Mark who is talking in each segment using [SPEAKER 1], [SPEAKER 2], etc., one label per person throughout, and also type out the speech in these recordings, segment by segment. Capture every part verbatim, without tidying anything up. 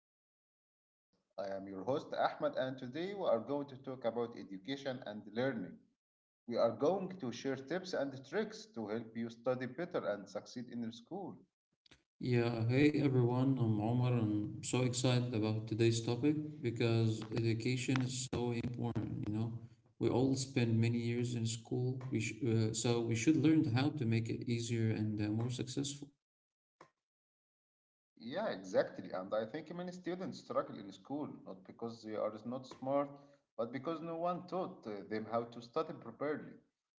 [SPEAKER 1] Journey podcast. I am your host, Ahmed, and today we are going to talk about education and learning. We are going to share tips and tricks to help you study better and succeed in school.
[SPEAKER 2] Yeah, hey everyone, I'm Omar. I'm so excited about today's topic because education is so important, you know. We all spend many years in school, we sh uh, so we should learn how to make it easier and uh, more successful.
[SPEAKER 1] Yeah, exactly. And I think many students struggle in school, not because they are not smart, but because no one taught uh, them how to study properly.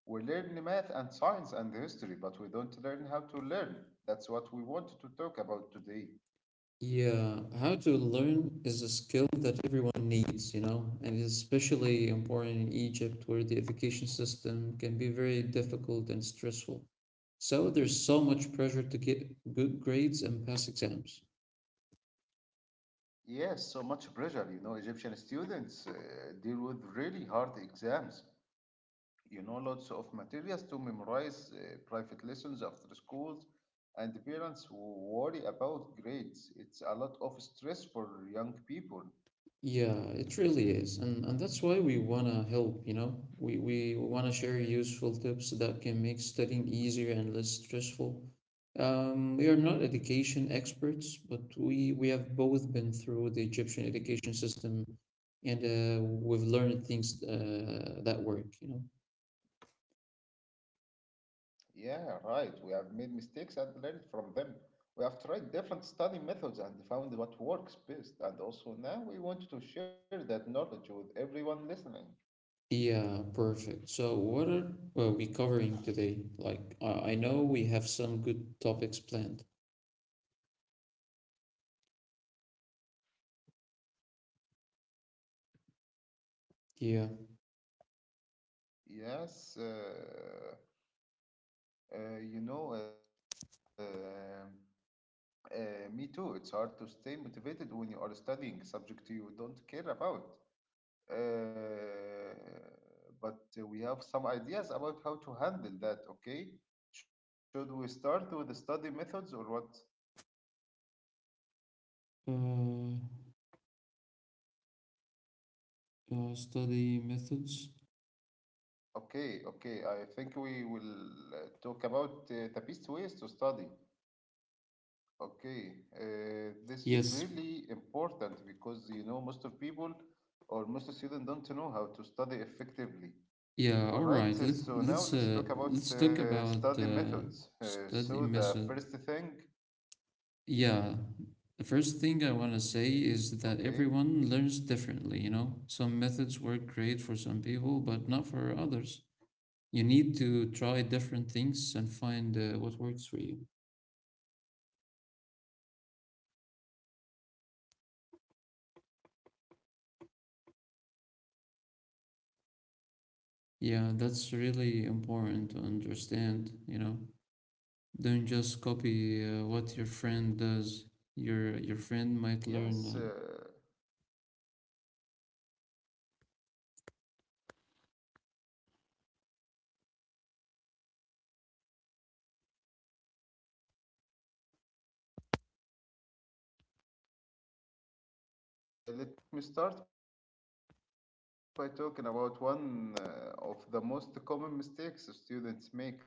[SPEAKER 1] We learn math and science and history, but we don't learn how to learn. That's what we want to talk about today.
[SPEAKER 2] Yeah, how to learn is a skill that everyone needs, you know, and it's especially important in Egypt where the education system can be very difficult and stressful. So there's so much pressure to get good grades and pass exams.
[SPEAKER 1] Yes, so much pressure. You know, Egyptian students uh, deal with really hard exams. You know, lots of materials to memorize, uh, private lessons after schools, and the parents w- worry about grades. It's a lot of stress for young people.
[SPEAKER 2] Yeah, it really is. And and that's why we wanna help, you know. We we wanna share useful tips that can make studying easier and less stressful. Um, we are not education experts, but we we have both been through the Egyptian education system and uh, we've learned things uh, that work, you know.
[SPEAKER 1] Yeah, right. We have made mistakes and learned from them. We have tried different study methods and found what works best. And also now we want to share that knowledge with everyone listening.
[SPEAKER 2] Yeah, perfect. So, what are well, we covering today? Like, I I know we have some good topics planned. Yeah.
[SPEAKER 1] Yes, uh, Uh, you know, uh, uh, Me too. It's hard to stay motivated when you are studying subject you don't care about. Uh, but uh, we have some ideas about how to handle that, okay? Should we start with the study methods or what?
[SPEAKER 2] Uh, uh, Study methods.
[SPEAKER 1] Okay, okay. I think we will uh, talk about uh, the best ways to study. Okay, uh, this is really
[SPEAKER 2] Yes.
[SPEAKER 1] important because you know most of people or most students don't know how to study effectively. All
[SPEAKER 2] Yeah.
[SPEAKER 1] right,
[SPEAKER 2] All
[SPEAKER 1] uh,
[SPEAKER 2] right.
[SPEAKER 1] so
[SPEAKER 2] Let
[SPEAKER 1] now let's
[SPEAKER 2] let's
[SPEAKER 1] talk
[SPEAKER 2] uh
[SPEAKER 1] about
[SPEAKER 2] let's
[SPEAKER 1] uh,
[SPEAKER 2] talk
[SPEAKER 1] study
[SPEAKER 2] about
[SPEAKER 1] methods.
[SPEAKER 2] uh,
[SPEAKER 1] Uh, so
[SPEAKER 2] study
[SPEAKER 1] the first
[SPEAKER 2] method.
[SPEAKER 1] thing,
[SPEAKER 2] Yeah. The first thing I want to say is that
[SPEAKER 1] okay,
[SPEAKER 2] everyone learns differently. You know, some methods work great for some people, but not for others. You need to try different things and find uh, what works for you. Yeah, that's really important to understand, you know. Don't just copy uh, what your friend does. Your your friend
[SPEAKER 1] yes,
[SPEAKER 2] might learn.
[SPEAKER 1] uh,
[SPEAKER 2] Uh,
[SPEAKER 1] yeah, exactly. So uh, let me start by talking about one uh, of the most common mistakes students make.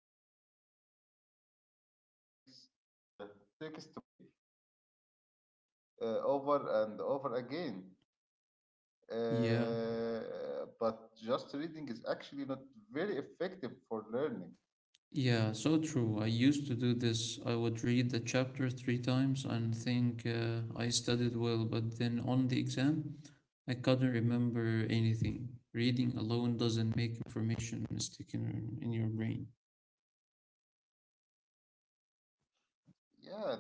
[SPEAKER 1] Uh, they think studying means uh, reading the textbooks, uh, okay, uh, over and over again.
[SPEAKER 2] Yeah.
[SPEAKER 1] Uh, but just reading is actually not very effective for learning.
[SPEAKER 2] Yeah, so true. I used to do this. I would read the chapter three times and think uh, I studied well, but then on the exam, I couldn't remember anything. Reading alone doesn't make information stick in, in your brain.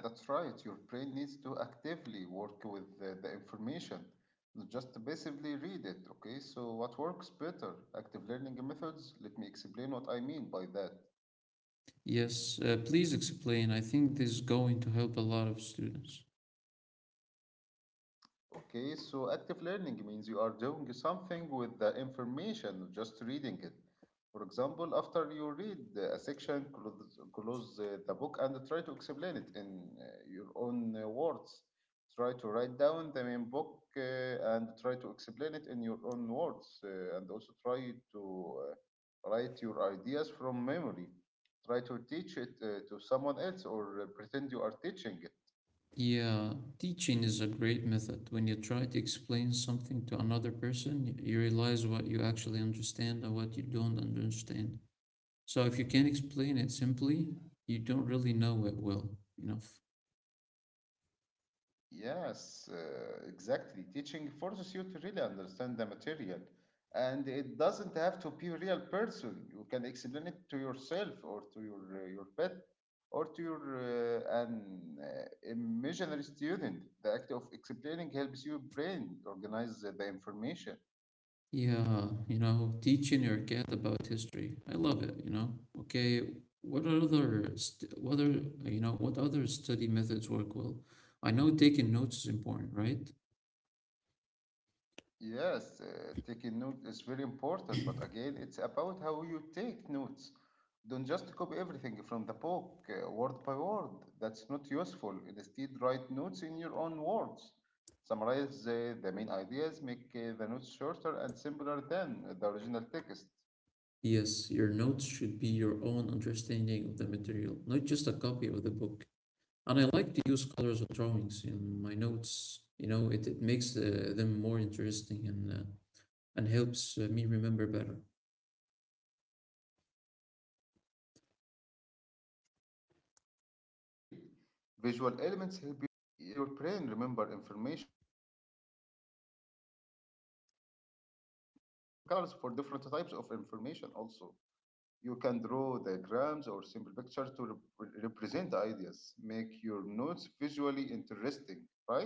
[SPEAKER 1] Yeah, that's right. Your brain needs to actively work with the, the information, not just passively read it, okay? So, what works better? Active learning methods? Let me explain what I mean by that.
[SPEAKER 2] Yes, uh, please explain. I think this is going to help a lot of students.
[SPEAKER 1] Okay, so active learning means you are doing something with the information, just reading it. For example, after you read a section, close, close uh, the book and try to explain it in uh, your own uh, words. Try to write down the main book uh, and try to explain it in your own words, uh, and also try to uh, write your ideas from memory. Try to teach it uh, to someone else or uh, pretend you are teaching.
[SPEAKER 2] Yeah, teaching is a great method. When you try to explain something to another person, y- you realize what you actually understand and what you don't understand. So if you can't explain it simply, you don't really know it well enough.
[SPEAKER 1] Yes, uh, exactly. Teaching forces you to really understand the material, and it doesn't have to be a real person. You can explain it to yourself, or to your uh, your pet, or to your uh, an uh, imaginary student. The act of explaining helps your brain organize the information.
[SPEAKER 2] Yeah, you know, teaching your cat about history. I love it, you know. Okay, what other st what other, you know, what other study methods work well? I know taking notes is important, right?
[SPEAKER 1] Yes, uh, taking note is very important, but again, it's about how you take notes. Don't just copy everything from the book, uh, word by word. That's not useful. Instead, write notes in your own words. Summarize uh, the main ideas, make uh, the notes shorter and simpler than the original text.
[SPEAKER 2] Yes, your notes should be your own understanding of the material, not just a copy of the book. And I like to use colors or drawings in my notes. You know, it, it makes uh, them more interesting and uh, and helps uh, me remember better.
[SPEAKER 1] Yes, you know, colors and drawings are great. Visual elements help your brain remember information, and you can also use different colors for different types of information also. You can draw diagrams or simple pictures to rep- represent ideas. Make your notes visually interesting, right?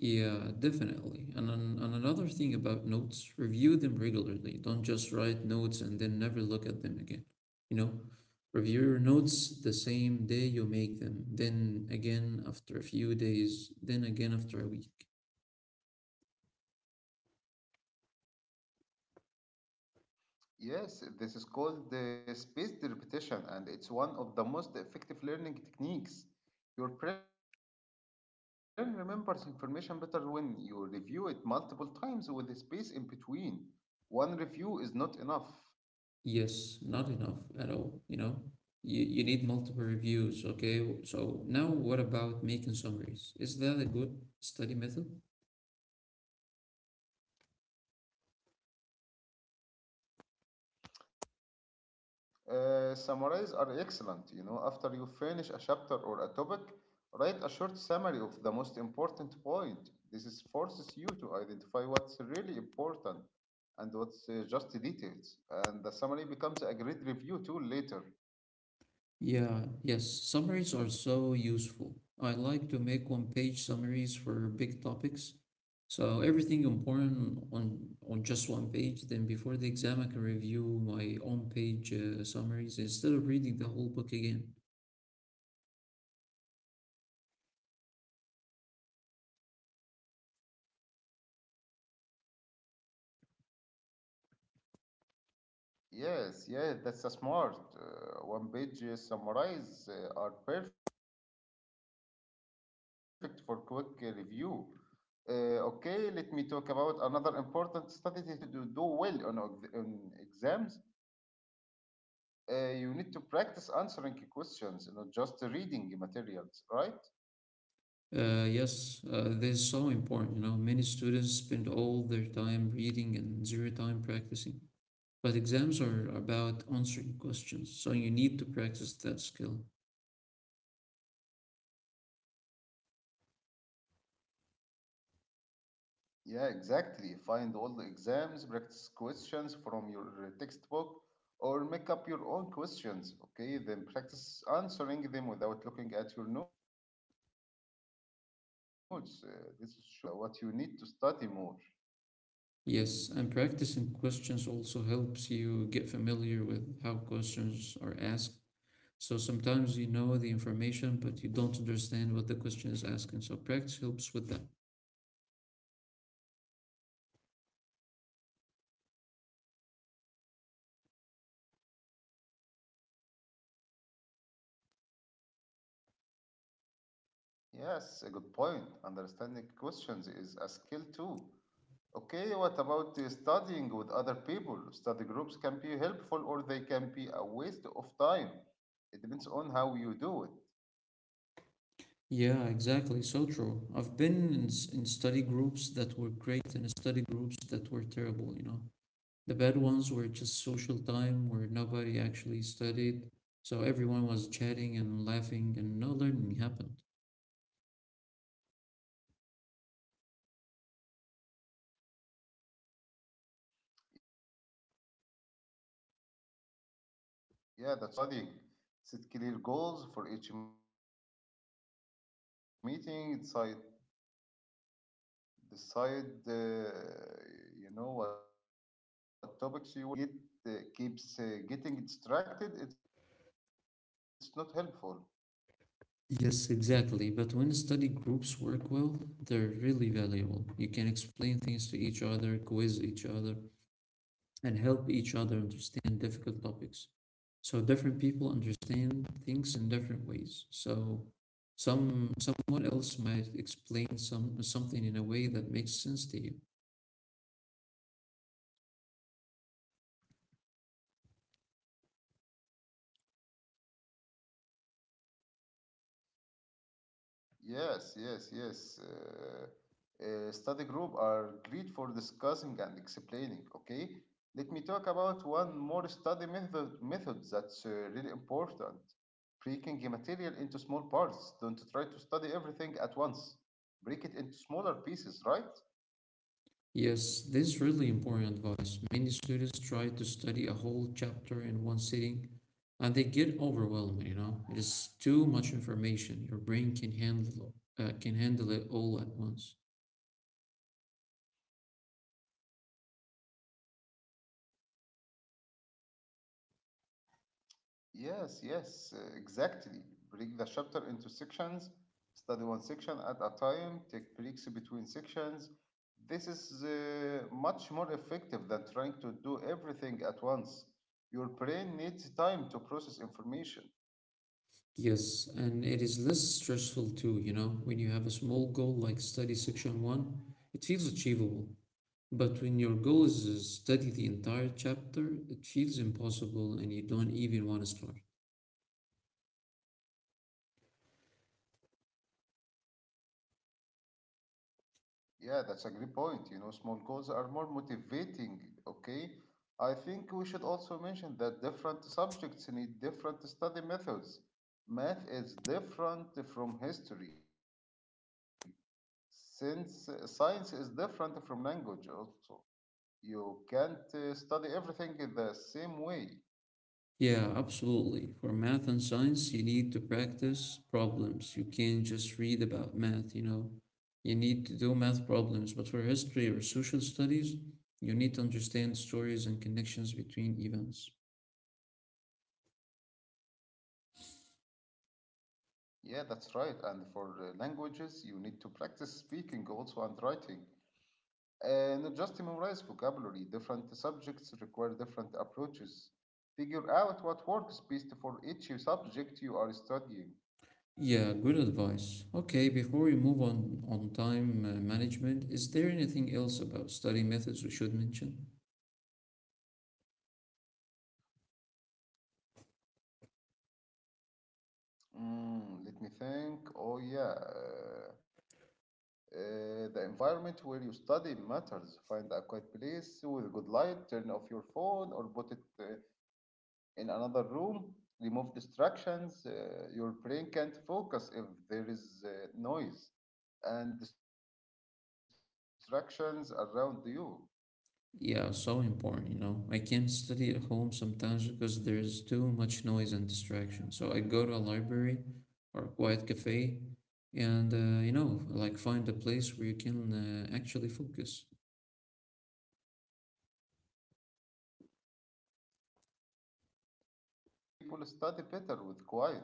[SPEAKER 2] Yeah, definitely. And, an, and another thing about notes, review them regularly. Don't just write notes and then never look at them again. You know, review your notes the same day you make them, then again after a few days, then again after a week.
[SPEAKER 1] Yes, this is called the spaced repetition, and it's one of the most effective learning techniques. Your brain remembers information better when you review it multiple times with a space in between. One review is not enough.
[SPEAKER 2] Yes, not enough at all, you know? You, you need multiple reviews, okay? So now what about making summaries? Is that a good study method?
[SPEAKER 1] Uh, summaries are excellent. You know, after you finish a chapter or a topic, write a short summary of the most important point. This is forces you to identify what's really important and what's uh, just details. And the summary becomes a great review tool later.
[SPEAKER 2] Yeah, yes, summaries are so useful. I like to make one-page summaries for big topics. So everything important on on just one page, then before the exam I can review my own page uh, summaries instead of reading the whole book again.
[SPEAKER 1] Yes, yeah, that's a smart. Uh, one-page uh, summaries uh, are perfect for quick uh, review. Uh, okay, let me talk about another important study te- technique. Uh, practice questions. If you want to do, do well on, ex- on exams, uh, you need to practice answering questions, not just reading materials, right?
[SPEAKER 2] Uh, yes, uh, this is so important. You know, many students spend all their time reading and zero time practicing. But exams are about answering questions, so you need to practice that skill.
[SPEAKER 1] Yeah, exactly. Find all the exams, practice questions from your textbook, or make up your own questions, okay? Then practice answering them without looking at your notes. Uh, this shows uh, uh, you what you really know and uh, what you need to study more.
[SPEAKER 2] Yes, and practicing questions also helps you get familiar with how questions are asked. So sometimes you know the information, but you don't understand what the question is asking. So practice helps with that.
[SPEAKER 1] Yes, a good point. Understanding questions is a skill too. Okay, what about uh, studying with other people? Study groups can be helpful or they can be a waste of time. It depends on how you do it.
[SPEAKER 2] Yeah, exactly. So true. I've been in, s- in study groups that were great and study groups that were terrible, you know. The bad ones were just social time where nobody actually studied, so everyone was chatting and laughing and no learning happened.
[SPEAKER 1] Yeah, that's right. For a study group to work, everyone needs to be serious about studying. Set clear goals for each meeting, decide, decide uh, you know, what topics you will cover, and also keep each other focused. If the group get uh, keeps uh, getting distracted, it's not helpful.
[SPEAKER 2] Yes, exactly. But when study groups work well, they're really valuable. You can explain things to each other, quiz each other, and help each other understand difficult topics. So different people understand things in different ways. So some someone else might explain some something in a way that makes sense to you.
[SPEAKER 1] Yes, yes, yes. Uh, uh, study group are great for discussing and explaining. Okay, let me talk about one more study method method that's uh, really important. Breaking the material into small parts. Don't try to study everything at once. Break it into smaller pieces, right?
[SPEAKER 2] Yes, this is really important advice. Many students try to study a whole chapter in one sitting and they get overwhelmed, you know. It is too much information. Your brain can handle uh, can handle it all at once.
[SPEAKER 1] Yes, yes, uh, exactly. Break the chapter into sections, study one section at a time, take breaks between sections. This is uh, much more effective than trying to do everything at once. Your brain needs time to process information.
[SPEAKER 2] Yes, and it is less stressful too, you know. When you have a small goal like study section one, it feels achievable. But when your goal is to study the entire chapter, it feels impossible and you don't even want to start.
[SPEAKER 1] Yeah, that's a great point. You know, small goals are more motivating, okay? I think we should also mention that different subjects need different study methods. Math is different from history, since uh, science is different from language also. You can't uh, study everything in the same way.
[SPEAKER 2] Yeah, absolutely. For math and science, you need to practice problems. You can't just read about math, you know. You need to do math problems. But for history or social studies, you need to understand stories and connections between events.
[SPEAKER 1] Yeah, that's right. And for uh, languages, you need to practice speaking also and writing. Uh, not just memorize vocabulary, different subjects require different approaches. Figure out what works best for each subject you are studying.
[SPEAKER 2] Yeah, good advice. Okay, before we move on on time uh, management, is there anything else about study methods we should mention?
[SPEAKER 1] Mm, let me think. Oh, yeah. Uh, uh, the environment where you study matters. Find a quiet place with good light, turn off your phone or put it uh, in another room. Remove distractions. Uh, your brain can't focus if there is uh, noise and distractions around you.
[SPEAKER 2] Yeah, so important, you know. I can't study at home sometimes because there's too much noise and distraction. So I go to a library or a quiet cafe and, uh, you know, like find a place where you can uh, actually focus.
[SPEAKER 1] Yes, yes, yes. And uh, some people study better with quiet.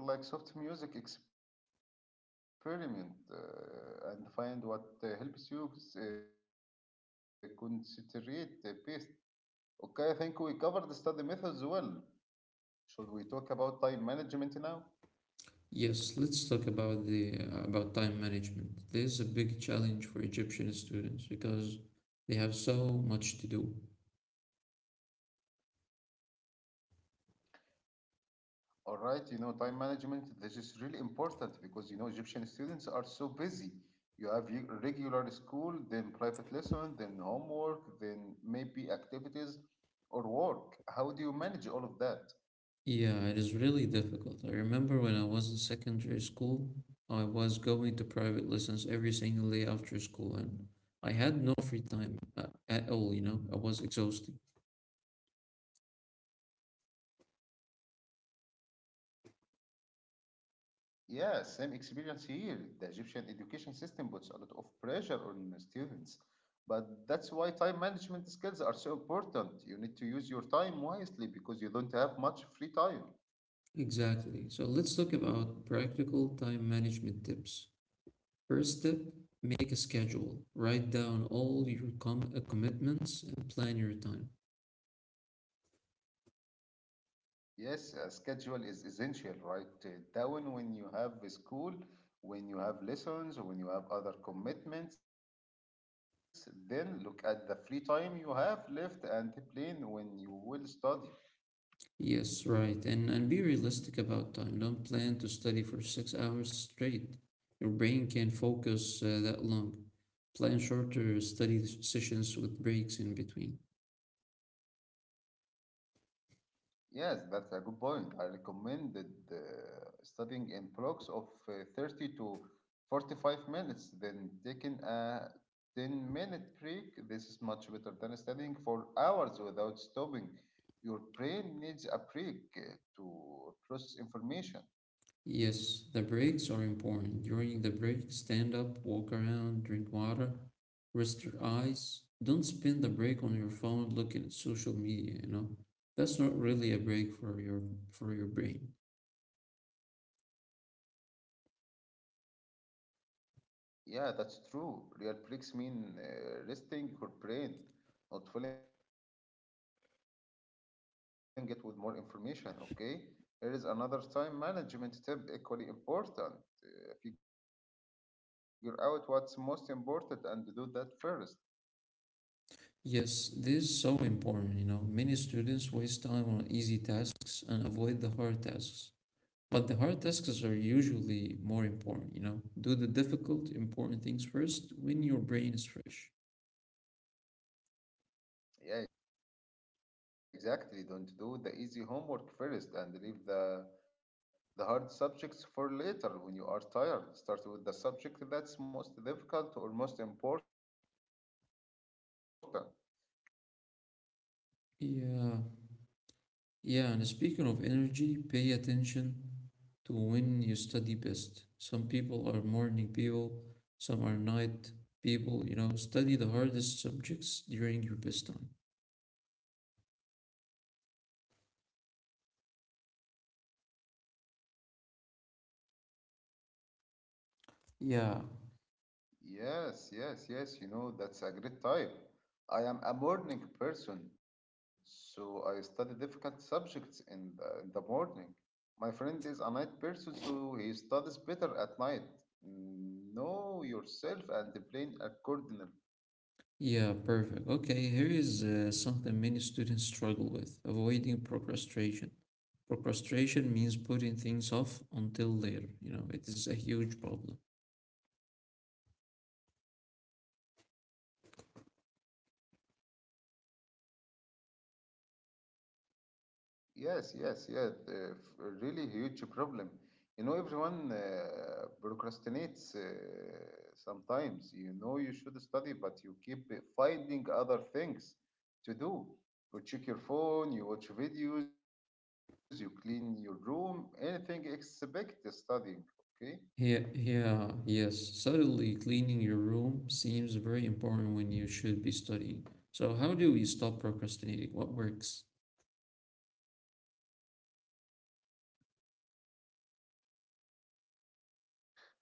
[SPEAKER 1] Some people like soft music, experiment uh, and find what uh, helps you uh, concentrate the best. Okay, I think we covered the study methods well. Should we talk about time management now?
[SPEAKER 2] Yes, let's talk about the uh, about time management. This is a big challenge for Egyptian students because they have so much to do.
[SPEAKER 1] All right, you know, time management, this is really important because, you know, Egyptian students are so busy. You have ye- regular school, then private lesson, then homework, then maybe activities or work. How do you manage all of that?
[SPEAKER 2] Yeah, it is really difficult. I remember when I was in secondary school, I was going to private lessons every single day after school, and I had no free time at, at all, you know, I was exhausted.
[SPEAKER 1] Yeah, same experience here. The Egyptian education system puts a lot of pressure on the students. But that's why time management skills are so important. You need to use your time wisely because you don't have much free time.
[SPEAKER 2] Exactly. So let's talk about practical time management tips. First step, make a schedule. Write down all your com- uh, commitments and plan your time.
[SPEAKER 1] Yes, a schedule is essential, right? Uh, Down when you have a school, when you have lessons, when you have other commitments, then look at the free time you have left and plan when you will study.
[SPEAKER 2] Yes, right. And and be realistic about time. Don't plan to study for six hours straight. Your brain can't focus uh, that long. Plan shorter study s- sessions with breaks in between.
[SPEAKER 1] Yes, that's a good point. I recommended uh, studying in blocks of uh, thirty to forty-five minutes, then taking a ten minute break. This is much better than studying for hours without stopping. Your brain needs a break uh, to process information.
[SPEAKER 2] Yes, the breaks are important. During the break, stand up, walk around, drink water, rest your eyes. Don't spend the break on your phone looking at social media, you know? That's not really a break for your for your brain.
[SPEAKER 1] Yeah, that's true. Real breaks mean uh, resting your brain, not filling it with more information, okay? Here is another time management tip uh, prioritize your tasks. Not everything is equally important. Uh, figure out what's most important and do that first.
[SPEAKER 2] Yes, this is so important, you know. Many students waste time on easy tasks and avoid the hard tasks. But the hard tasks are usually more important, you know. Do the difficult, important things first when your brain is fresh.
[SPEAKER 1] Yeah, exactly. Don't do the easy homework first and leave the the hard subjects for later when you are tired. Start with the subject that's most difficult or most important. Get it done when you have energy.
[SPEAKER 2] Yeah, yeah, and speaking of energy, pay attention to when you study best. Some people are morning people, some are night people, you know. Study the hardest subjects during your best time. Yeah,
[SPEAKER 1] Yes, yes, yes, you know, that's a great type. I am a morning person, so I study difficult subjects in the, in the morning. My friend is a night person, so he studies better at night. Know yourself and plan accordingly.
[SPEAKER 2] yeah, perfect. Okay, here is uh, something many students struggle with avoiding procrastination. Procrastination means putting things off until later. You know, it is a huge problem.
[SPEAKER 1] Yes, yes, yeah, the f- a really huge problem. You know, everyone uh, procrastinates uh, sometimes. You know, you should study, but you keep finding other things to do. You check your phone, you watch videos, you clean your room, anything except studying. Okay,
[SPEAKER 2] Yeah, yeah, yes. Suddenly, cleaning your room seems very important when you should be studying. So, how do we stop procrastinating? What works?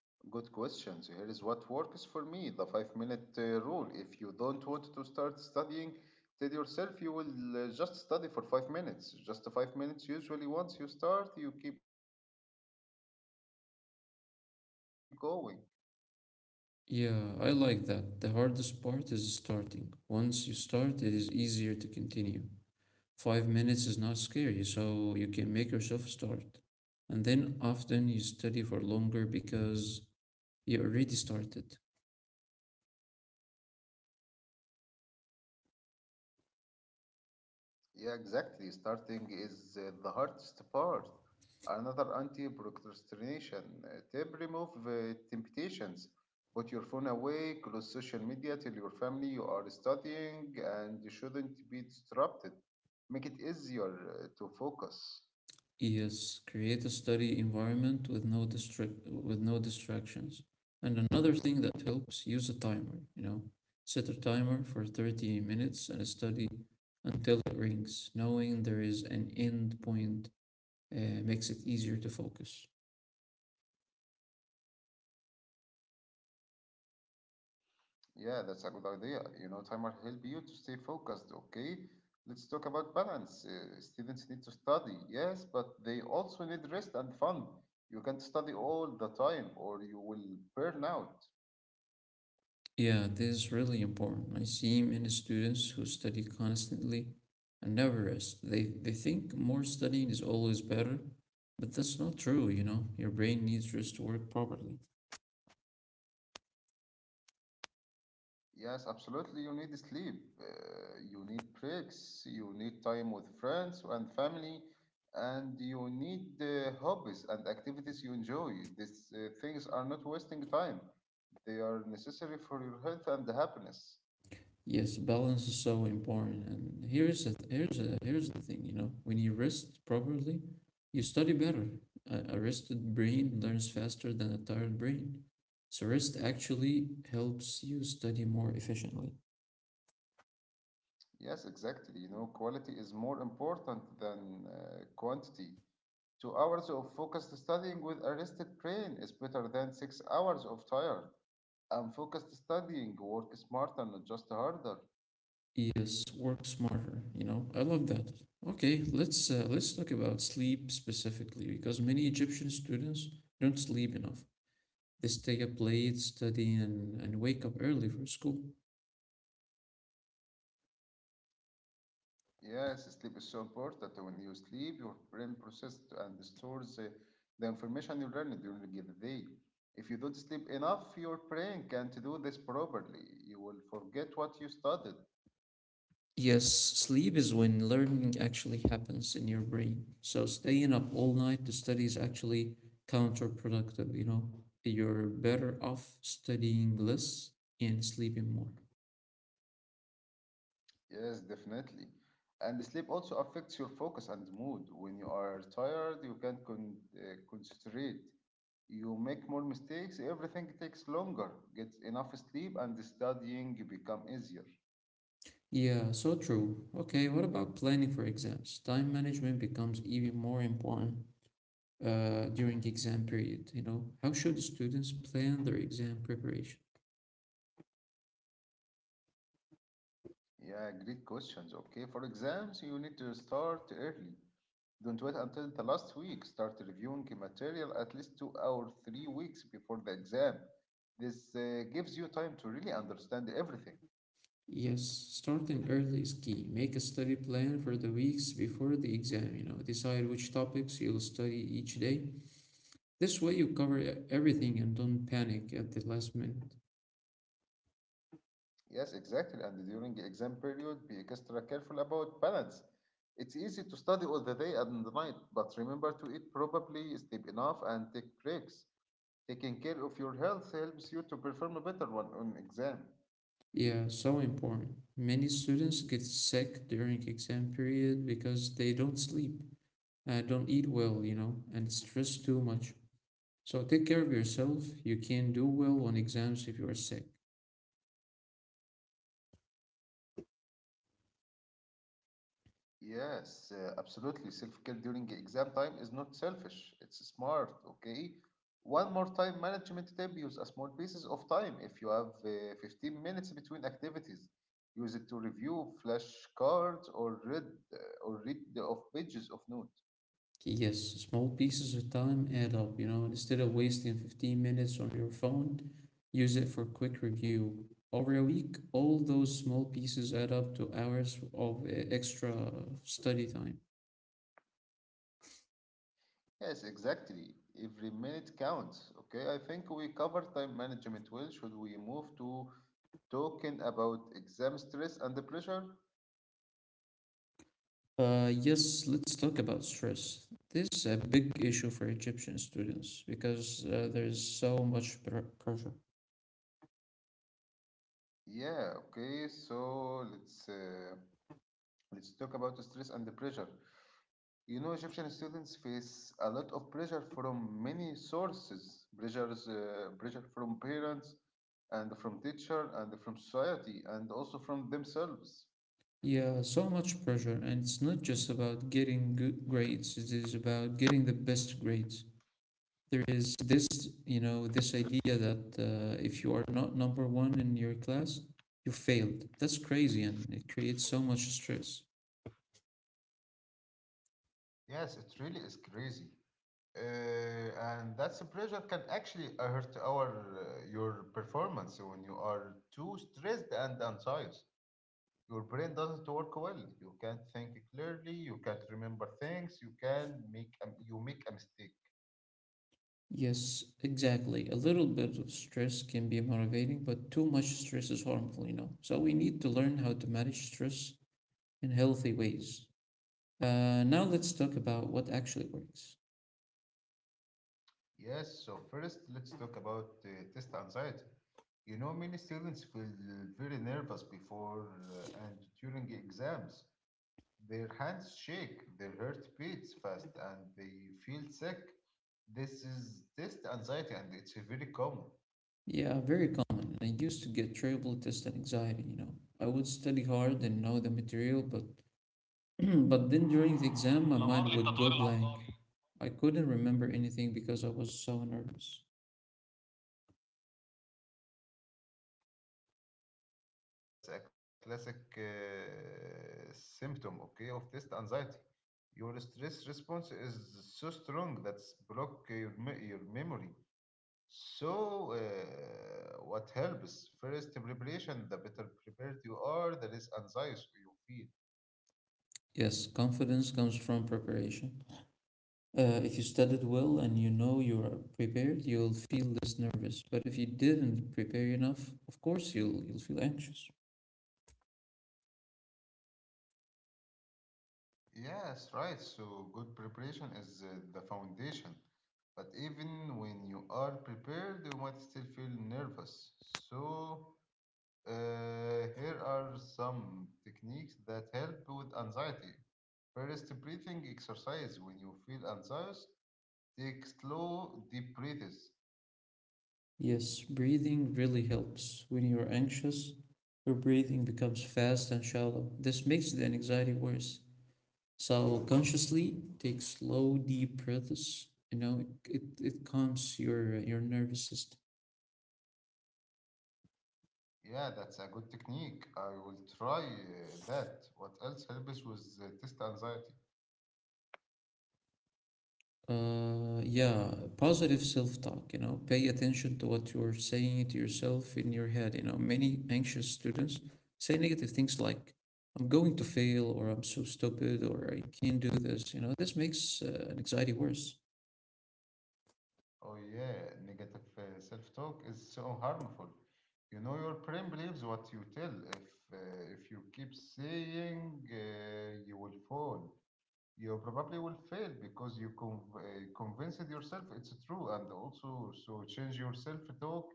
[SPEAKER 1] good question. So here is what works for me the five minute uh, rule. If you don't want to start studying, tell yourself you will uh, just study for five minutes. Just five minutes. Usually, once you start, you keep going.
[SPEAKER 2] Yeah, I like that. The hardest part is starting. Once you start, it is easier to continue. Five minutes is not scary, so you can make yourself start. And then often you study for longer because you already started.
[SPEAKER 1] Yeah, exactly. Starting is uh, the hardest part. Another anti-procrastination uh, tip: remove uh, temptations. Put your phone away, close social media, tell your family you are studying and you shouldn't be disrupted. Make it easier uh, to focus.
[SPEAKER 2] Yes, create a study environment with no distract with no distractions. And another thing that helps, use a timer, you know. Set a timer for thirty minutes and study until it rings. Knowing there is an end point uh, makes it easier to focus.
[SPEAKER 1] Yeah, that's a good idea. You know, time will help you to stay focused, okay? Let's talk about balance. Uh, students need to study, yes, but they also need rest and fun. You can't study all the time or you will burn out.
[SPEAKER 2] Yeah, this is really important. I see many students who study constantly and never rest. They they think more studying is always better, but that's not true, you know. Your brain needs rest to work properly.
[SPEAKER 1] Yes, absolutely. You need sleep. Uh, you need breaks. You need time with friends and family. And you need uh, hobbies and activities you enjoy. These uh, things are not wasting time. They are necessary for your health and happiness.
[SPEAKER 2] Yes, balance is so important. And here's the here's the here's the thing, you know. When you rest properly, you study better. A, a rested brain learns faster than a tired brain. So rest actually helps you study more efficiently.
[SPEAKER 1] Yes, exactly. You know, quality is more important than uh, quantity. Two hours of focused studying with a rested brain is better than six hours of tired. And focused studying, work smarter, not just harder.
[SPEAKER 2] Yes, work smarter, you know. I love that. Okay, let's uh, let's talk about sleep specifically because many Egyptian students don't sleep enough. They stay up late studying and, and wake up early for school.
[SPEAKER 1] Yes, sleep is so important. When you sleep, your brain processes and stores uh, the information you learn during the day. If you don't sleep enough, your brain can't do this properly. You will forget what you studied.
[SPEAKER 2] Yes, sleep is when learning actually happens in your brain. So staying up all night to study is actually counterproductive, you know. You're better off studying less and sleeping more.
[SPEAKER 1] Yes, definitely. And sleep also affects your focus and mood. When you are tired, you can't con- uh, concentrate. You make more mistakes. Everything takes longer. Get enough sleep, and studying become easier.
[SPEAKER 2] Yeah, so true. Okay, what about planning for exams? Time management becomes even more important uh, during the exam period, you know? How should students plan their exam preparation?
[SPEAKER 1] Yeah, great questions. Okay, for exams, you need to start early. Don't wait until the last week. Start reviewing material at least two or three weeks before the exam. This uh, gives you time to really understand everything.
[SPEAKER 2] Yes, starting early is key. Make a study plan for the weeks before the exam, you know? Decide which topics you'll study each day. This way you cover e- everything and don't panic at the last minute.
[SPEAKER 1] Yes, exactly. And during the exam period, be extra careful about balance. It's easy to study all the day and the night, but remember to eat properly, sleep enough, and take breaks. Taking care of your health helps you to perform better one on exam.
[SPEAKER 2] Yeah, so important. Many students get sick during exam period because they don't sleep uh, don't eat well, you know, and stress too much. So take care of yourself. You can do well on exams if you are sick.
[SPEAKER 1] Yes, uh, absolutely. Self-care during exam time is not selfish. It's smart, okay? One more time management tip, use a small pieces of time. If you have uh, fifteen minutes between activities, use it to review flashcards or read uh, or read the of pages of note.
[SPEAKER 2] Yes, small pieces of time add up, you know, and instead of wasting fifteen minutes on your phone, use it for quick review. Over a week, all those small pieces add up to hours of uh, extra study time.
[SPEAKER 1] Yes, exactly. Every minute counts, okay? I think we cover time management well. Should we move to talking about exam stress and the pressure?
[SPEAKER 2] Uh, yes, let's talk about stress. This is a big issue for Egyptian students because uh, there's so much pr- pressure.
[SPEAKER 1] Yeah, okay, so let's uh, let's talk about stress and the pressure. You know, Egyptian students face a lot of pressure from many sources. Pressures, uh, pressure from parents and from teacher and from society and also from themselves.
[SPEAKER 2] Yeah, so much pressure, and it's not just about getting good grades, it is about getting the best grades. There is this, you know, this idea that uh, if you are not number one in your class, you failed. That's crazy, and it creates so much stress.
[SPEAKER 1] Yes, it really is crazy. Uh, and that's the pressure can actually hurt our uh, your performance when you are too stressed and anxious. Your brain doesn't work well. You can't think clearly. You can't remember things. You can make a, you make a mistake.
[SPEAKER 2] Yes, exactly. A little bit of stress can be motivating, but too much stress is harmful, you know. So we need to learn how to manage stress in healthy ways. Uh, now let's talk about what actually works.
[SPEAKER 1] Yes. So first, let's talk about uh, test anxiety. You know, many students feel very nervous before uh, and during exams. Their hands shake, their heart beats fast, and they feel sick. This is test anxiety, and it's very common.
[SPEAKER 2] Yeah, very common. I used to get terrible test and anxiety, you know. I would study hard and know the material, but but then during the exam my
[SPEAKER 1] الأمر
[SPEAKER 2] mind would
[SPEAKER 1] للتطوير
[SPEAKER 2] go blank.
[SPEAKER 1] العقاري
[SPEAKER 2] I couldn't remember anything because I was so nervous.
[SPEAKER 1] Yes, that's a classic uh, symptom, okay, of test anxiety. Your stress response is so strong that's block your, me- your memory. So, uh, what helps? First, preparation. The better prepared you are, the less anxious you feel.
[SPEAKER 2] Yes, confidence comes from preparation. Uh, if you studied well and you know you are prepared, you'll feel less nervous. But if you didn't prepare enough, of course you'll you'll feel anxious.
[SPEAKER 1] Yes, right. So, good preparation is uh, the foundation. But even when you are prepared, you might still feel nervous. So, Uh, here are some techniques that help with anxiety. First, breathing exercise. When you feel anxious, take slow, deep breaths.
[SPEAKER 2] Yes, breathing really helps. When you're anxious, your breathing becomes fast and shallow. This makes the anxiety worse. So consciously take slow, deep breaths. You know, it, it, it calms your your nervous system.
[SPEAKER 1] Yeah, that's a good technique. I will try uh, that. What else helps with uh, test anxiety?
[SPEAKER 2] Uh, yeah, positive self-talk, you know, pay attention to what you're saying to yourself in your head. You know, many anxious students say negative things like, I'm going to fail, or I'm so stupid, or I can't do this. You know, this makes uh, anxiety worse.
[SPEAKER 1] Oh, yeah, negative uh, self talk is so harmful. You know, your brain believes what you tell. If, uh, if you keep saying, uh, you will fall. You probably will fail because you conv- uh, convinced yourself it's true. And also so change your self-talk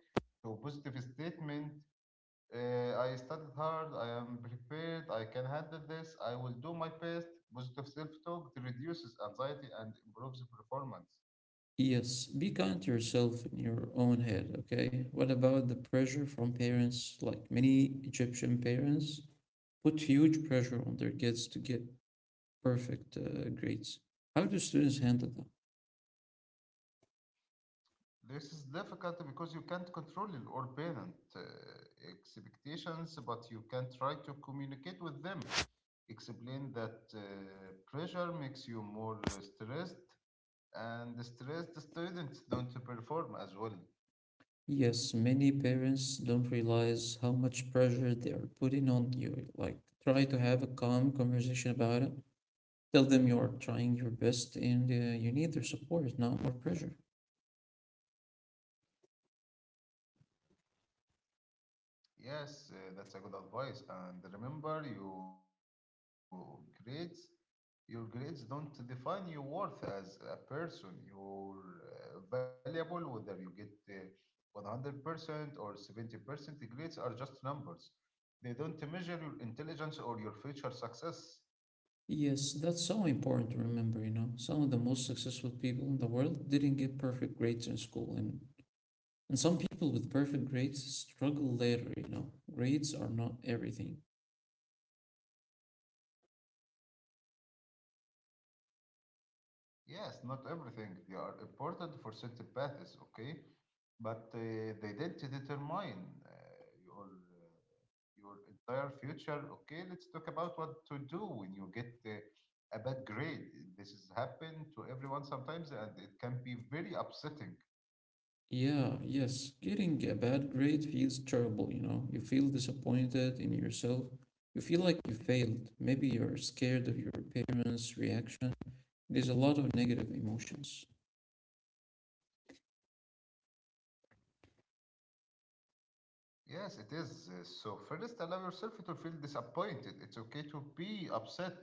[SPEAKER 1] to a positive statement. uh, I studied hard, I am prepared, I can handle this, I will do my best. Positive self-talk that reduces anxiety and improves performance.
[SPEAKER 2] Yes, be kind to yourself in your own head, okay? What about the pressure from parents? Like, many Egyptian parents put huge pressure on their kids to get perfect uh, grades. How do students handle that?
[SPEAKER 1] This is difficult because you can't control or parent uh, expectations, but you can try to communicate with them. Explain that uh, pressure makes you more stressed, and stress the students don't perform as well.
[SPEAKER 2] Yes, many parents don't realize how much pressure they are putting on you. Like, try to have a calm conversation about it. Tell them you are trying your best and uh, you need their support, not more pressure.
[SPEAKER 1] Yes, uh, that's a good advice. And remember, your grades, your grades don't define your worth as a person. You're uh, valuable whether you get uh, one hundred percent or seventy percent. Grades are just numbers. They don't measure your intelligence or your future success.
[SPEAKER 2] Yes, that's so important to remember, you know. Some of the most successful people in the world didn't get perfect grades in school, and and some people with perfect grades struggle later, you know. Grades are not everything.
[SPEAKER 1] Yes, not everything. They are important for certain paths, okay? But uh, they didn't determine uh, your uh, your entire future. Okay, let's talk about what to do when you get uh, a bad grade. This has happened to everyone sometimes, and it can be very upsetting.
[SPEAKER 2] Yeah, yes. Getting a bad grade feels terrible, you know. You feel disappointed in yourself. You feel like you failed. Maybe you're scared of your parents' reaction. There's a lot of negative emotions.
[SPEAKER 1] Yes, it is. Uh, So first, allow yourself to feel disappointed. It's okay to be upset,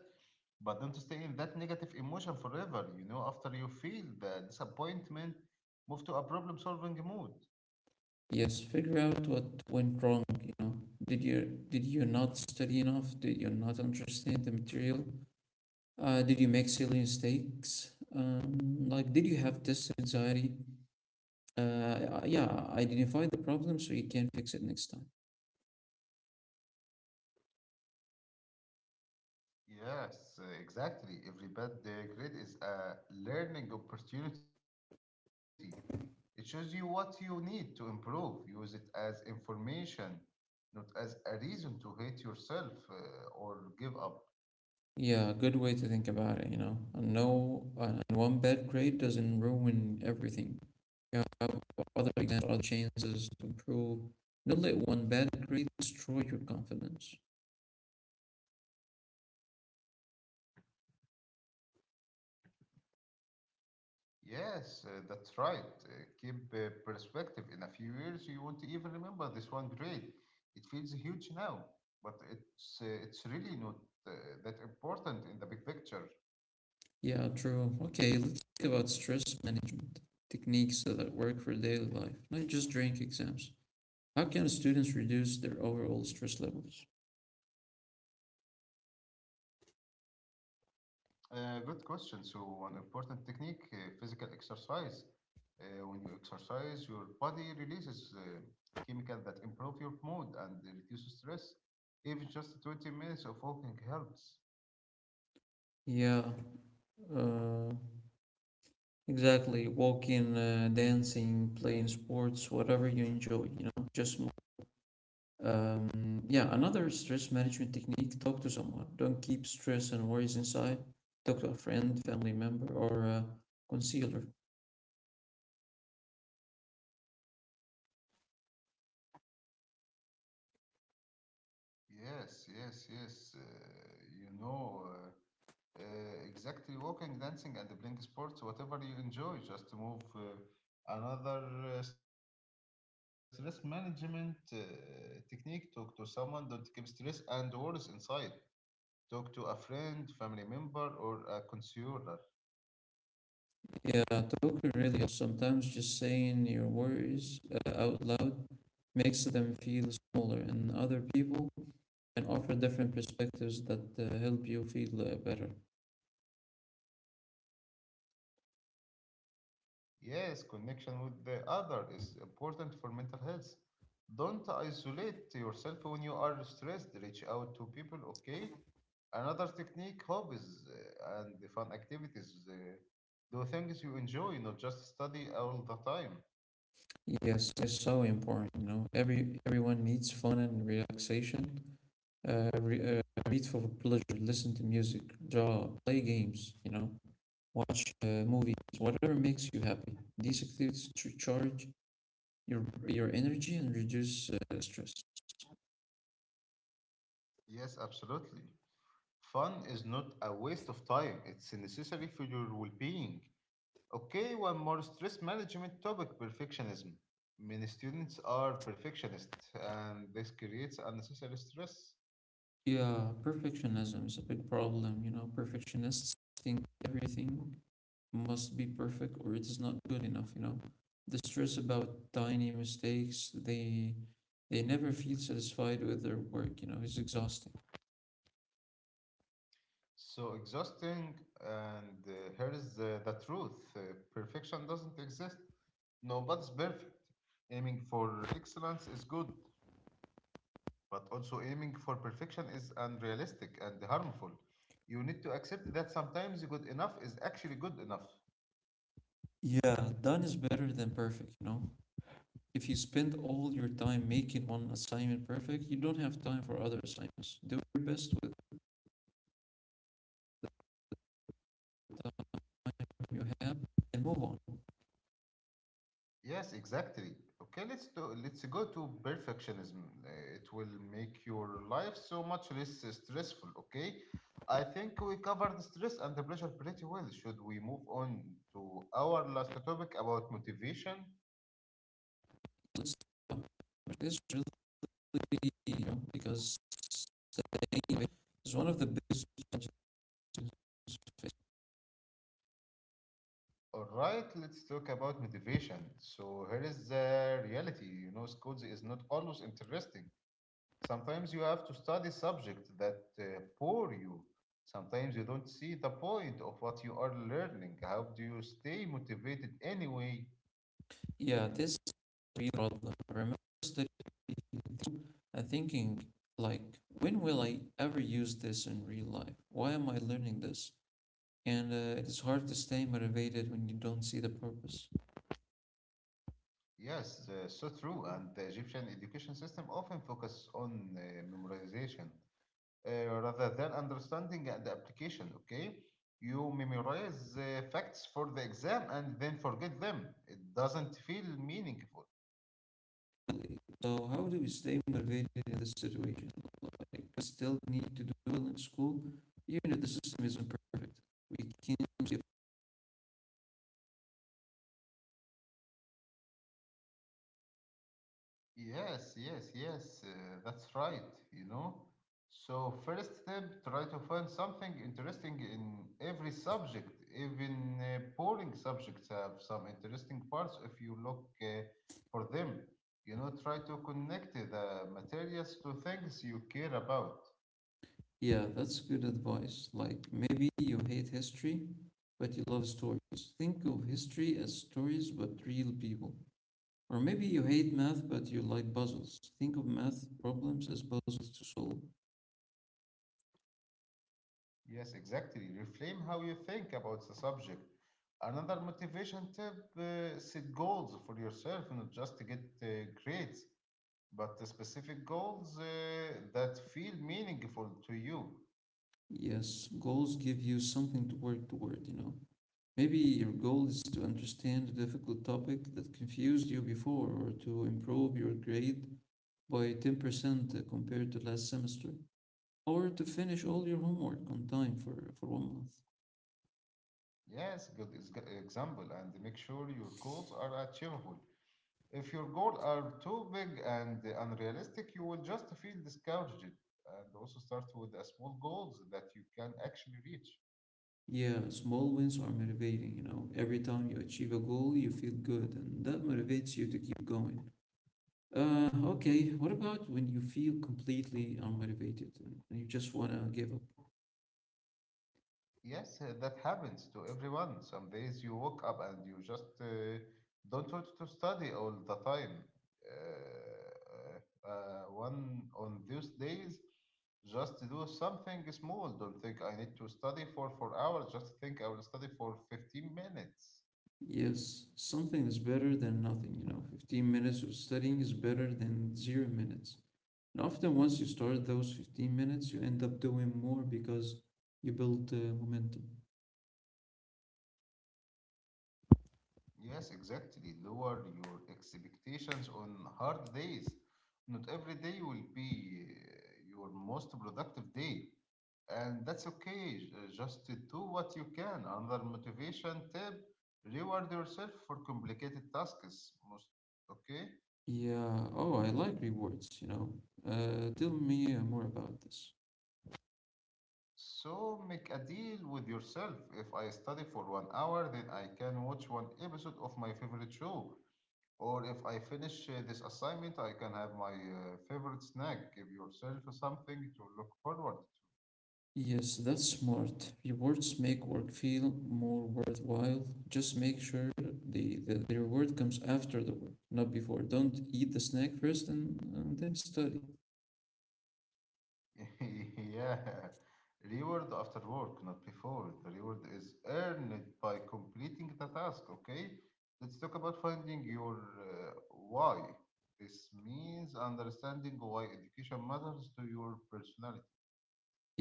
[SPEAKER 1] but don't stay in that negative emotion forever. You know, after you feel the disappointment, move to a problem-solving mode.
[SPEAKER 2] Yes, figure out what went wrong, you know. Did you did you not study enough? Did you not understand the material? Uh, did you make silly mistakes? Um, like, did you have test anxiety? Uh, yeah, identify the problem so you can fix it next time.
[SPEAKER 1] Yes, uh, exactly. Every bad uh, grade is a learning opportunity. It shows you what you need to improve. Use it as information, not as a reason to hate yourself uh, or give up.
[SPEAKER 2] Yeah, good way to think about it, you know. And no, and one bad grade doesn't ruin everything. Yeah, other exams, other chances to improve. Don't let one bad grade destroy your confidence.
[SPEAKER 1] Yes, uh, that's right. Uh, keep uh, perspective. In a few years, you won't even remember this one grade. It feels huge now, but it's uh, it's really not uh, that important in the big picture.
[SPEAKER 2] Yeah, true. Okay, let's talk about stress management techniques that work for daily life, not just during exams. How can students reduce their overall stress levels?
[SPEAKER 1] Uh, good question. So, one important technique, uh, physical exercise. Uh, when you exercise, your body releases uh, chemical that improve your mood and reduce stress. Even just twenty minutes of walking helps.
[SPEAKER 2] Yeah, uh, exactly. Walking, uh, dancing, playing sports, whatever you enjoy, you know, just move. Um, yeah, Another stress management technique, talk to someone. Don't keep stress and worries inside. Talk to a friend, family member, or a concealer.
[SPEAKER 1] Yes, yes, yes. Uh, you know, uh, uh, exactly walking, dancing, and playing sports, whatever you enjoy, just move. Uh, another uh, stress management uh, technique, talk to someone, don't keep stress and worries inside. Talk to a friend, family member, or a counselor.
[SPEAKER 2] Yeah, talking really or sometimes just saying your worries uh, out loud makes them feel smaller, and other people can offer different perspectives that uh, help you feel uh, better.
[SPEAKER 1] Yes, connection with the other is important for mental health. Don't isolate yourself when you are stressed. Reach out to people, okay? Another technique, hobbies uh, and the fun activities. Uh, do things you enjoy, not just study all the time.
[SPEAKER 2] Yes, it's so important, you know. Every everyone needs fun and relaxation. Uh, re- uh, read for pleasure, listen to music, draw, play games, you know, watch uh, movies, whatever makes you happy. These activities to charge your your energy and reduce uh, stress.
[SPEAKER 1] Yes, absolutely. Fun is not a waste of time, it's necessary for your well being. Okay, one more stress management topic, perfectionism. Many students are perfectionists, and this creates unnecessary stress.
[SPEAKER 2] Yeah, perfectionism is a big problem. You know, perfectionists think everything must be perfect or it is not good enough, you know. The stress about tiny mistakes, they they never feel satisfied with their work, you know, it's exhausting.
[SPEAKER 1] So exhausting, and uh, here is the, the truth, uh, perfection doesn't exist. Nobody's perfect. Aiming for excellence is good, but also aiming for perfection is unrealistic and harmful. You need to accept that sometimes good enough is actually good enough.
[SPEAKER 2] Yeah, done is better than perfect, you know. If you spend all your time making one assignment perfect, you don't have time for other assignments. Do your best with the time you have and move on.
[SPEAKER 1] Yes, exactly. Okay, let's do, let's go to perfectionism. Uh, It will make your life so much less stressful, okay? I think we covered the stress and the pressure pretty well. Should we move on to our last topic about motivation?
[SPEAKER 2] Let's talk about this really, you know, because the is one of the biggest challenges.
[SPEAKER 1] All right, let's talk about motivation. So here is the reality. You know, schools is not always interesting. Sometimes you have to study subject that uh, bore you. Sometimes you don't see the point of what you are learning. How do you stay motivated anyway?
[SPEAKER 2] Yeah, this is a real problem. I remember and thinking, like, when will I ever use this in real life? Why am I learning this? And uh, it is hard to stay motivated when you don't see the purpose.
[SPEAKER 1] Yes, uh, so true. And the Egyptian education system often focuses on uh, memorization uh, rather than understanding and application. Okay, you memorize uh, facts for the exam and then forget them. It doesn't feel meaningful.
[SPEAKER 2] Really. So, how do we stay motivated in this situation? Like, we still need to do well in school, even if the system isn't perfect. We can't be.
[SPEAKER 1] Yes, yes, yes, uh, that's right, you know. So, first step, try to find something interesting in every subject. Even uh, boring subjects have some interesting parts if you look uh, for them. You know, try to connect the materials to things you care about.
[SPEAKER 2] Yeah, that's good advice. Like, maybe you hate history, but you love stories. Think of history as stories, but real people. Or maybe you hate math, but you like puzzles. Think of math problems as puzzles to solve.
[SPEAKER 1] Yes, exactly. Reframe how you think about the subject. Another motivation tip, uh, set goals for yourself, and just to get uh, grades, but the specific goals uh, that feel meaningful to you.
[SPEAKER 2] Yes, goals give you something to work toward, you know. Maybe your goal is to understand a difficult topic that confused you before, or to improve your grade by ten percent compared to last semester, or to finish all your homework on time for, for one month.
[SPEAKER 1] Yes, good ex- example, and make sure your goals are achievable. If your goals are too big and unrealistic, you will just feel discouraged. And also start with the small goals that you can actually reach.
[SPEAKER 2] Yeah, small wins are motivating, you know. Every time you achieve a goal, you feel good, and that motivates you to keep going. Uh, okay, what about when you feel completely unmotivated and and you just want to give up?
[SPEAKER 1] Yes, uh, that happens to everyone. Some days you wake up and you just uh, don't want to study all the time. Uh, uh, uh, one on those days, just do something small. Don't think I need to study for four hours. Just think I will study for fifteen minutes.
[SPEAKER 2] Yes, something is better than nothing, you know. fifteen minutes of studying is better than zero minutes. And often, once you start those fifteen minutes, you end up doing more because you build uh, momentum.
[SPEAKER 1] Yes, exactly. Lower your expectations on hard days. Not every day will be uh, your most productive day, and that's okay. J- uh, Just to do what you can. Another motivation tip: reward yourself for complicated tasks. Most okay.
[SPEAKER 2] Yeah, oh, I like rewards, you know. Uh, tell me uh, more about this.
[SPEAKER 1] So make a deal with yourself. If I study for one hour, then I can watch one episode of my favorite show. Or if I finish uh, this assignment, I can have my uh, favorite snack. Give yourself something to look forward
[SPEAKER 2] Yes, that's smart. Rewards make work feel more worthwhile. Just make sure the, the, the reward comes after the work, not before. Don't eat the snack first and, and then study.
[SPEAKER 1] to. yeah. Reward after work, not before. The reward is earned by completing the task, okay? Let's talk about finding your uh, why. This means understanding why education matters to your personality.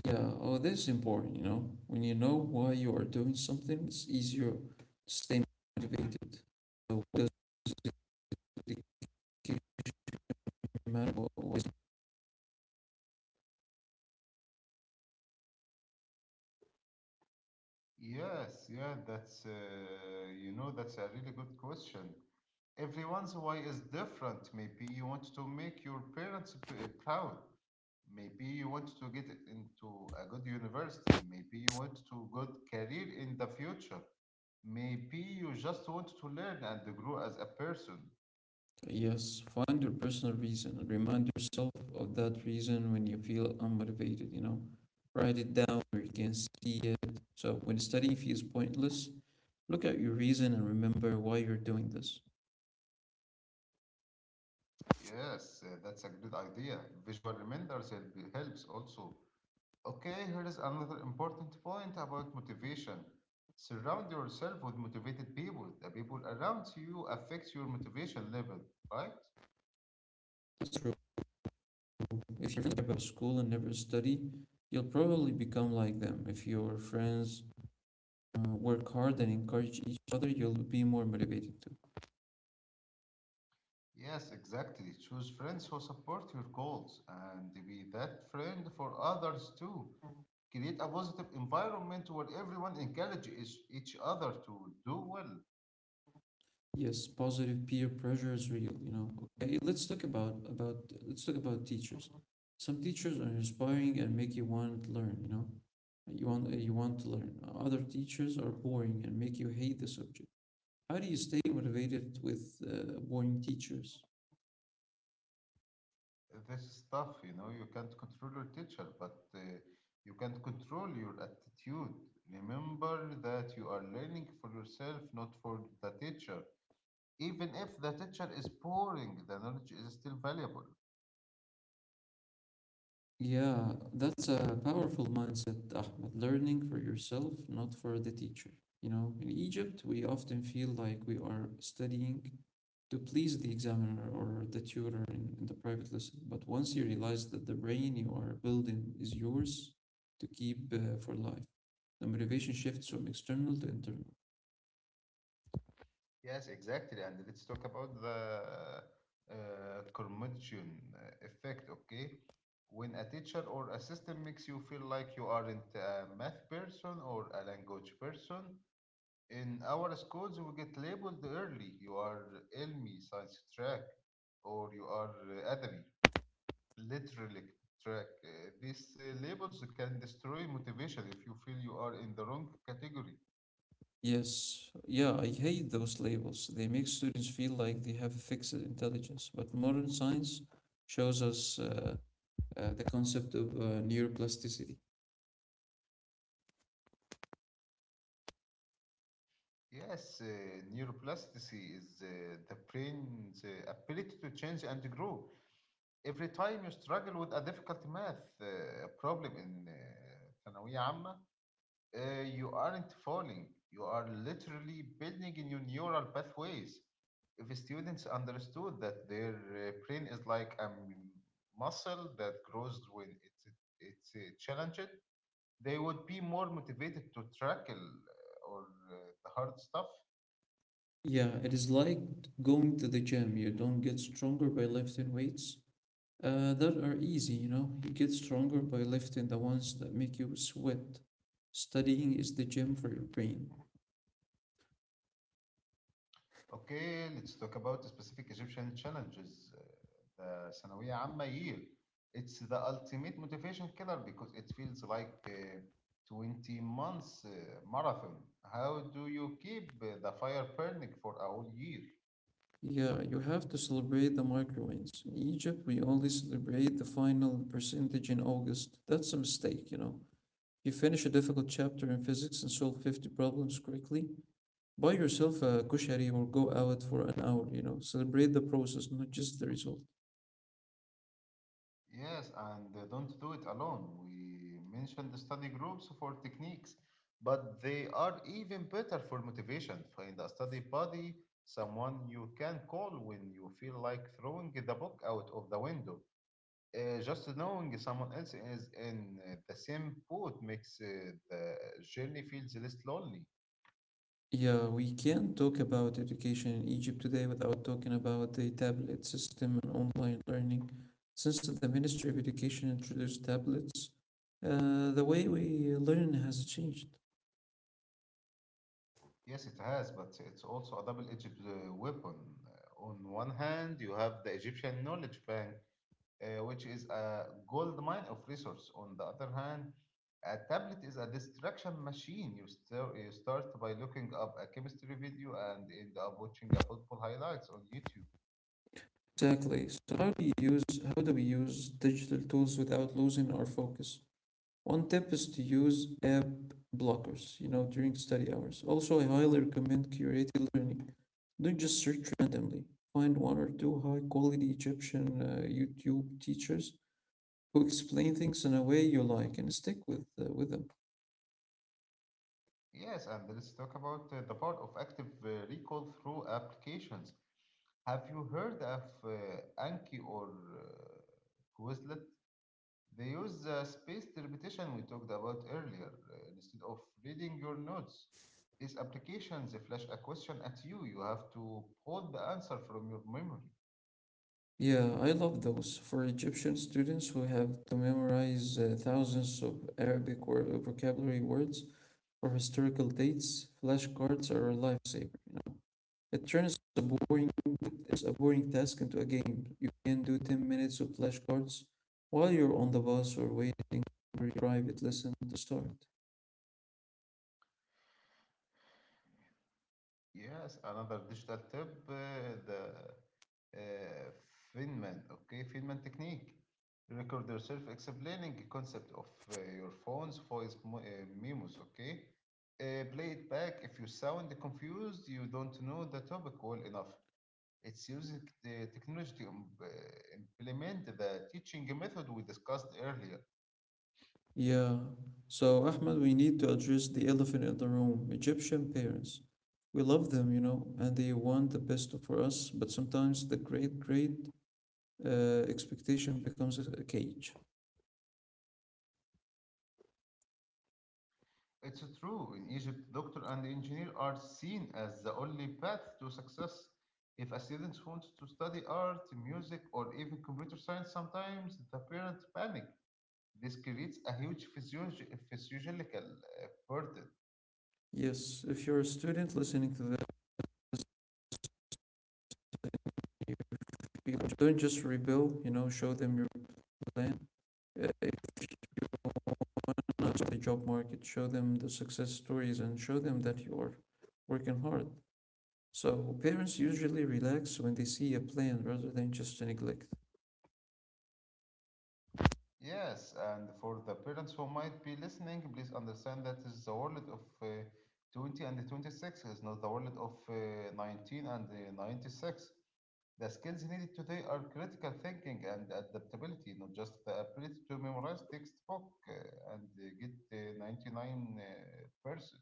[SPEAKER 2] Yeah, oh, this is important, you know. When you know why you are doing something, it's easier to stay motivated. So, why does dedication matter? Why.
[SPEAKER 1] Yes, yeah, that's uh, you know, that's a really good question. Everyone's way is different. Maybe you want to make your parents p- eh, proud. Maybe you want to get into a good university. Maybe you want to good career in the future. Maybe you just want to learn and grow as a person.
[SPEAKER 2] Yes, find your personal reason and remind yourself of that reason when you feel unmotivated, you know. Write it down where you can see it. So when studying feels pointless, look at your reason and remember why you're doing this.
[SPEAKER 1] Yes, uh, that's a good idea. Visual reminders help- helps also. Okay, here is another important point about motivation. Surround yourself with motivated people. The people around you affect your motivation level, right?
[SPEAKER 2] That's true. If you think about school and never study, you'll probably become like them. If your friends uh, work hard and encourage each other, you'll be more motivated too.
[SPEAKER 1] Yes, exactly. Choose friends who support your goals and be that friend for others too. Create a positive environment where everyone encourages each other to do well.
[SPEAKER 2] Yes, positive peer pressure is real, you know. Okay, hey, let's talk about about let's talk about teachers. Some teachers are inspiring and make you want to learn, you know. You want you want to learn. Other teachers are boring and make you hate the subject. How do you stay motivated with uh, boring teachers?
[SPEAKER 1] This is tough, you know, you can't control your teacher, but uh, you can control your attitude. Remember that you are learning for yourself, not for the teacher. Even if the teacher is boring, the knowledge is still valuable.
[SPEAKER 2] Yeah, that's a powerful mindset, Ahmed. Learning for yourself, not for the teacher. You know, in Egypt, we often feel like we are studying to please the examiner or the tutor in, in the private lesson. But once you realize that the brain you are building is yours to keep uh, for life, the motivation shifts from external to internal.
[SPEAKER 1] Yes, exactly. And let's talk about the uh, curmudgeon uh, effect, okay? When a teacher or a system makes you feel like you aren't a math person or a language person, in our schools we get labeled early. You are Elmi, science track, or you are uh, Adabi, literally track. Uh, these uh, labels can destroy motivation if you feel you are in the wrong category.
[SPEAKER 2] Yes, yeah, I hate those labels. They make students feel like they have a fixed intelligence. But modern science shows us uh, uh, the concept of uh, neuroplasticity.
[SPEAKER 1] Yes, uh, neuroplasticity is uh, the brain's uh, ability to change and grow. Every time you struggle with a difficult math uh, problem in uh, ثانوية عامة, uh, you aren't falling. You are literally building new neural pathways. If students understood that their uh, brain is like a m- muscle that grows when it's, it's uh, challenged, they would be more motivated to tackle uh, or uh, the hard stuff.
[SPEAKER 2] Yeah, it is like going to the gym. You don't get stronger by lifting weights uh, that are easy, you know. You get stronger by lifting the ones that make you sweat. Studying is the gym for your brain.
[SPEAKER 1] Okay, let's talk about the specific Egyptian challenges. Uh, The ثانوية عامة year. It's the ultimate motivation killer because it feels like a twenty months uh, marathon. How do you keep uh, the fire burning for a whole year?
[SPEAKER 2] Yeah, you have to celebrate the micro wins. In Egypt, we only celebrate the final percentage in August. That's a mistake, you know. You finish a difficult chapter in physics and solve fifty problems quickly. Buy yourself a kushari or go out for an hour, you know. Celebrate the process, not just the result.
[SPEAKER 1] Yes, and uh, don't do it alone. We mentioned the study groups for techniques, but they are even better for motivation. Find a study buddy, someone you can call when you feel like throwing the book out of the window. Uh, just knowing someone else is in uh, the same boat makes uh, the journey feels less lonely.
[SPEAKER 2] Yeah, we can't talk about education in Egypt today without talking about the tablet system and online learning. Since the Ministry of Education introduced tablets, uh, the way we learn has changed.
[SPEAKER 1] Yes, it has, but it's also a double-edged uh, weapon. Uh, on one hand, you have the Egyptian knowledge bank, uh, which is a gold mine of resource. On the other hand, a tablet is a distraction machine. You, star- you start by looking up a chemistry video and end up watching a football highlights on YouTube.
[SPEAKER 2] Exactly. So how do you use how do we use digital tools without losing our focus? One tip is to use app blockers, you know, during study hours. Also, I highly recommend curated learning. Don't just search randomly. Find one or two high quality Egyptian uh, YouTube teachers who explain things in a way you like and stick with uh, with them.
[SPEAKER 1] Yes, and let's talk about uh, the part of active uh, recall through applications. Have you heard of uh, Anki or uh, Quizlet? They use the spaced repetition we talked about earlier. Uh, instead of reading your notes, these applications flash a question at you. You have to pull the answer from your memory.
[SPEAKER 2] Yeah, I love those for Egyptian students who have to memorize uh, thousands of Arabic wor- uh, vocabulary words or historical dates. Flashcards are a lifesaver. You know, it turns a boring it's a boring task into a game. You can do ten minutes of flashcards while you're on the bus or waiting for your private lesson to start.
[SPEAKER 1] Yes, another digital tip, uh, the uh, Feynman, okay, Feynman technique. Record yourself explaining the concept of uh, your phone's voice mo- uh, memos, okay? Uh, play it back. If you sound confused, you don't know the topic well enough. It's using the technology to im- uh, implement the teaching method we discussed earlier.
[SPEAKER 2] Yeah. So, Ahmed, we need to address the elephant in the room. Egyptian parents. We love them, you know, and they want the best for us, but sometimes the great, great uh, expectation becomes a a cage.
[SPEAKER 1] It's true. In Egypt, doctor and engineer are seen as the only path to success. If a student wants to study art, music, or even computer science, sometimes the parents panic. This creates a huge physiologi- physiological uh, burden.
[SPEAKER 2] Yes, if you're a student listening to that, don't just rebel, you know, show them your plan. Uh, if not the job market, show them the success stories and show them that you are working hard. So, parents usually relax when they see a plan rather than just a neglect.
[SPEAKER 1] Yes, and for the parents who might be listening, please understand that is the world of uh, twenty and twenty-six is not the world of uh, nineteen and uh, ninety-six. The skills needed today are critical thinking and adaptability, not just the ability to memorize textbook uh, and uh, get uh, ninety-nine percent.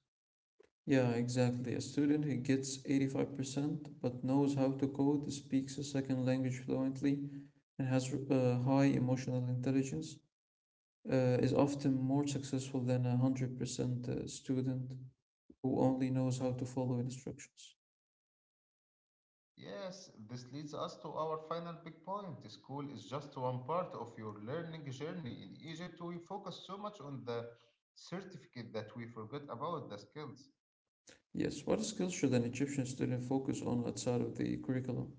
[SPEAKER 2] Yeah, exactly. A student who gets eighty-five percent but knows how to code, speaks a second language fluently, and has uh, high emotional intelligence uh, is often more successful than a one hundred percent uh, student who only knows how to follow instructions.
[SPEAKER 1] Yes, this leads us to our final big point. School is just one part of your learning journey. In Egypt, we focus so much on the certificate that we forget about the skills.
[SPEAKER 2] Yes, what skills should an Egyptian student focus on outside of the curriculum?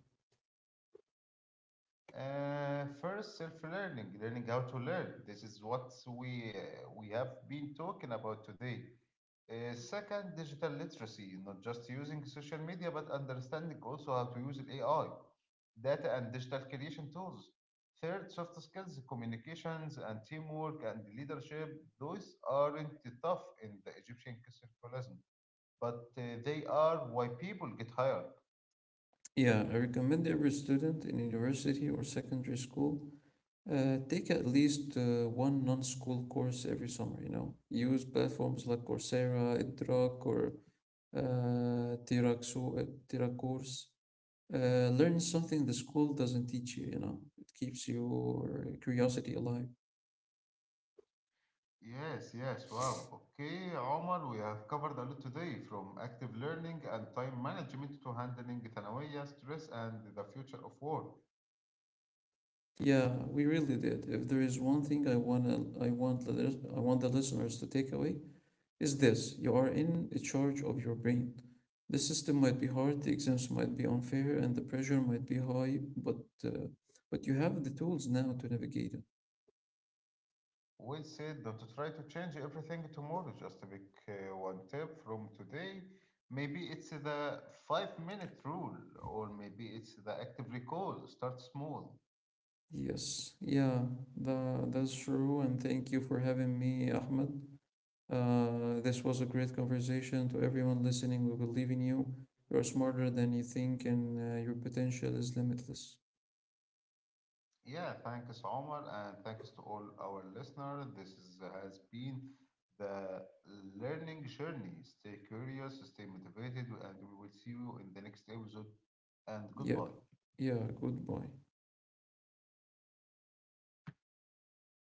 [SPEAKER 1] Uh, first, self-learning, learning how to learn. This is what we uh, we have been talking about today. Uh, second, digital literacy, not just using social media, but understanding also how to use A I, data and digital creation tools. Third, soft skills, communications and teamwork and leadership. Those aren't tough in the Egyptian circularism, but uh, they are why people get hired.
[SPEAKER 2] Yeah, I recommend every student in university or secondary school Uh, take at least uh, one non-school course every summer, you know. Use platforms like Coursera, EdRock, or uh, Tiraxu, uh, Tiracourse. Uh, learn something the school doesn't teach you, you know. It keeps your curiosity alive.
[SPEAKER 1] Yes, yes, wow. Okay, Omar, we have covered a lot today from active learning and time management to handling ثانوية, stress, and the future of work.
[SPEAKER 2] Yeah, we really did. If there is one thing I want, I want the lis- I want the listeners to take away, is this: you are in charge of your brain. The system might be hard, the exams might be unfair, and the pressure might be high, but uh, but you have the tools now to navigate it.
[SPEAKER 1] We said not to try to change everything tomorrow, just to pick uh, one tip from today. Maybe it's the five minute rule, or maybe it's the active recall. Start small.
[SPEAKER 2] Yes, yeah, tha- that's true, and thank you for having me, Ahmed. Uh, this was a great conversation. To everyone listening, we believe in you. You're smarter than you think, and uh, your potential is limitless.
[SPEAKER 1] Yeah, thanks, Omar, and thanks to all our listeners. This is, has been the learning journey. Stay curious, stay motivated, and we will see you in the next episode. And
[SPEAKER 2] Yeah,
[SPEAKER 1] goodbye.
[SPEAKER 2] yeah, goodbye.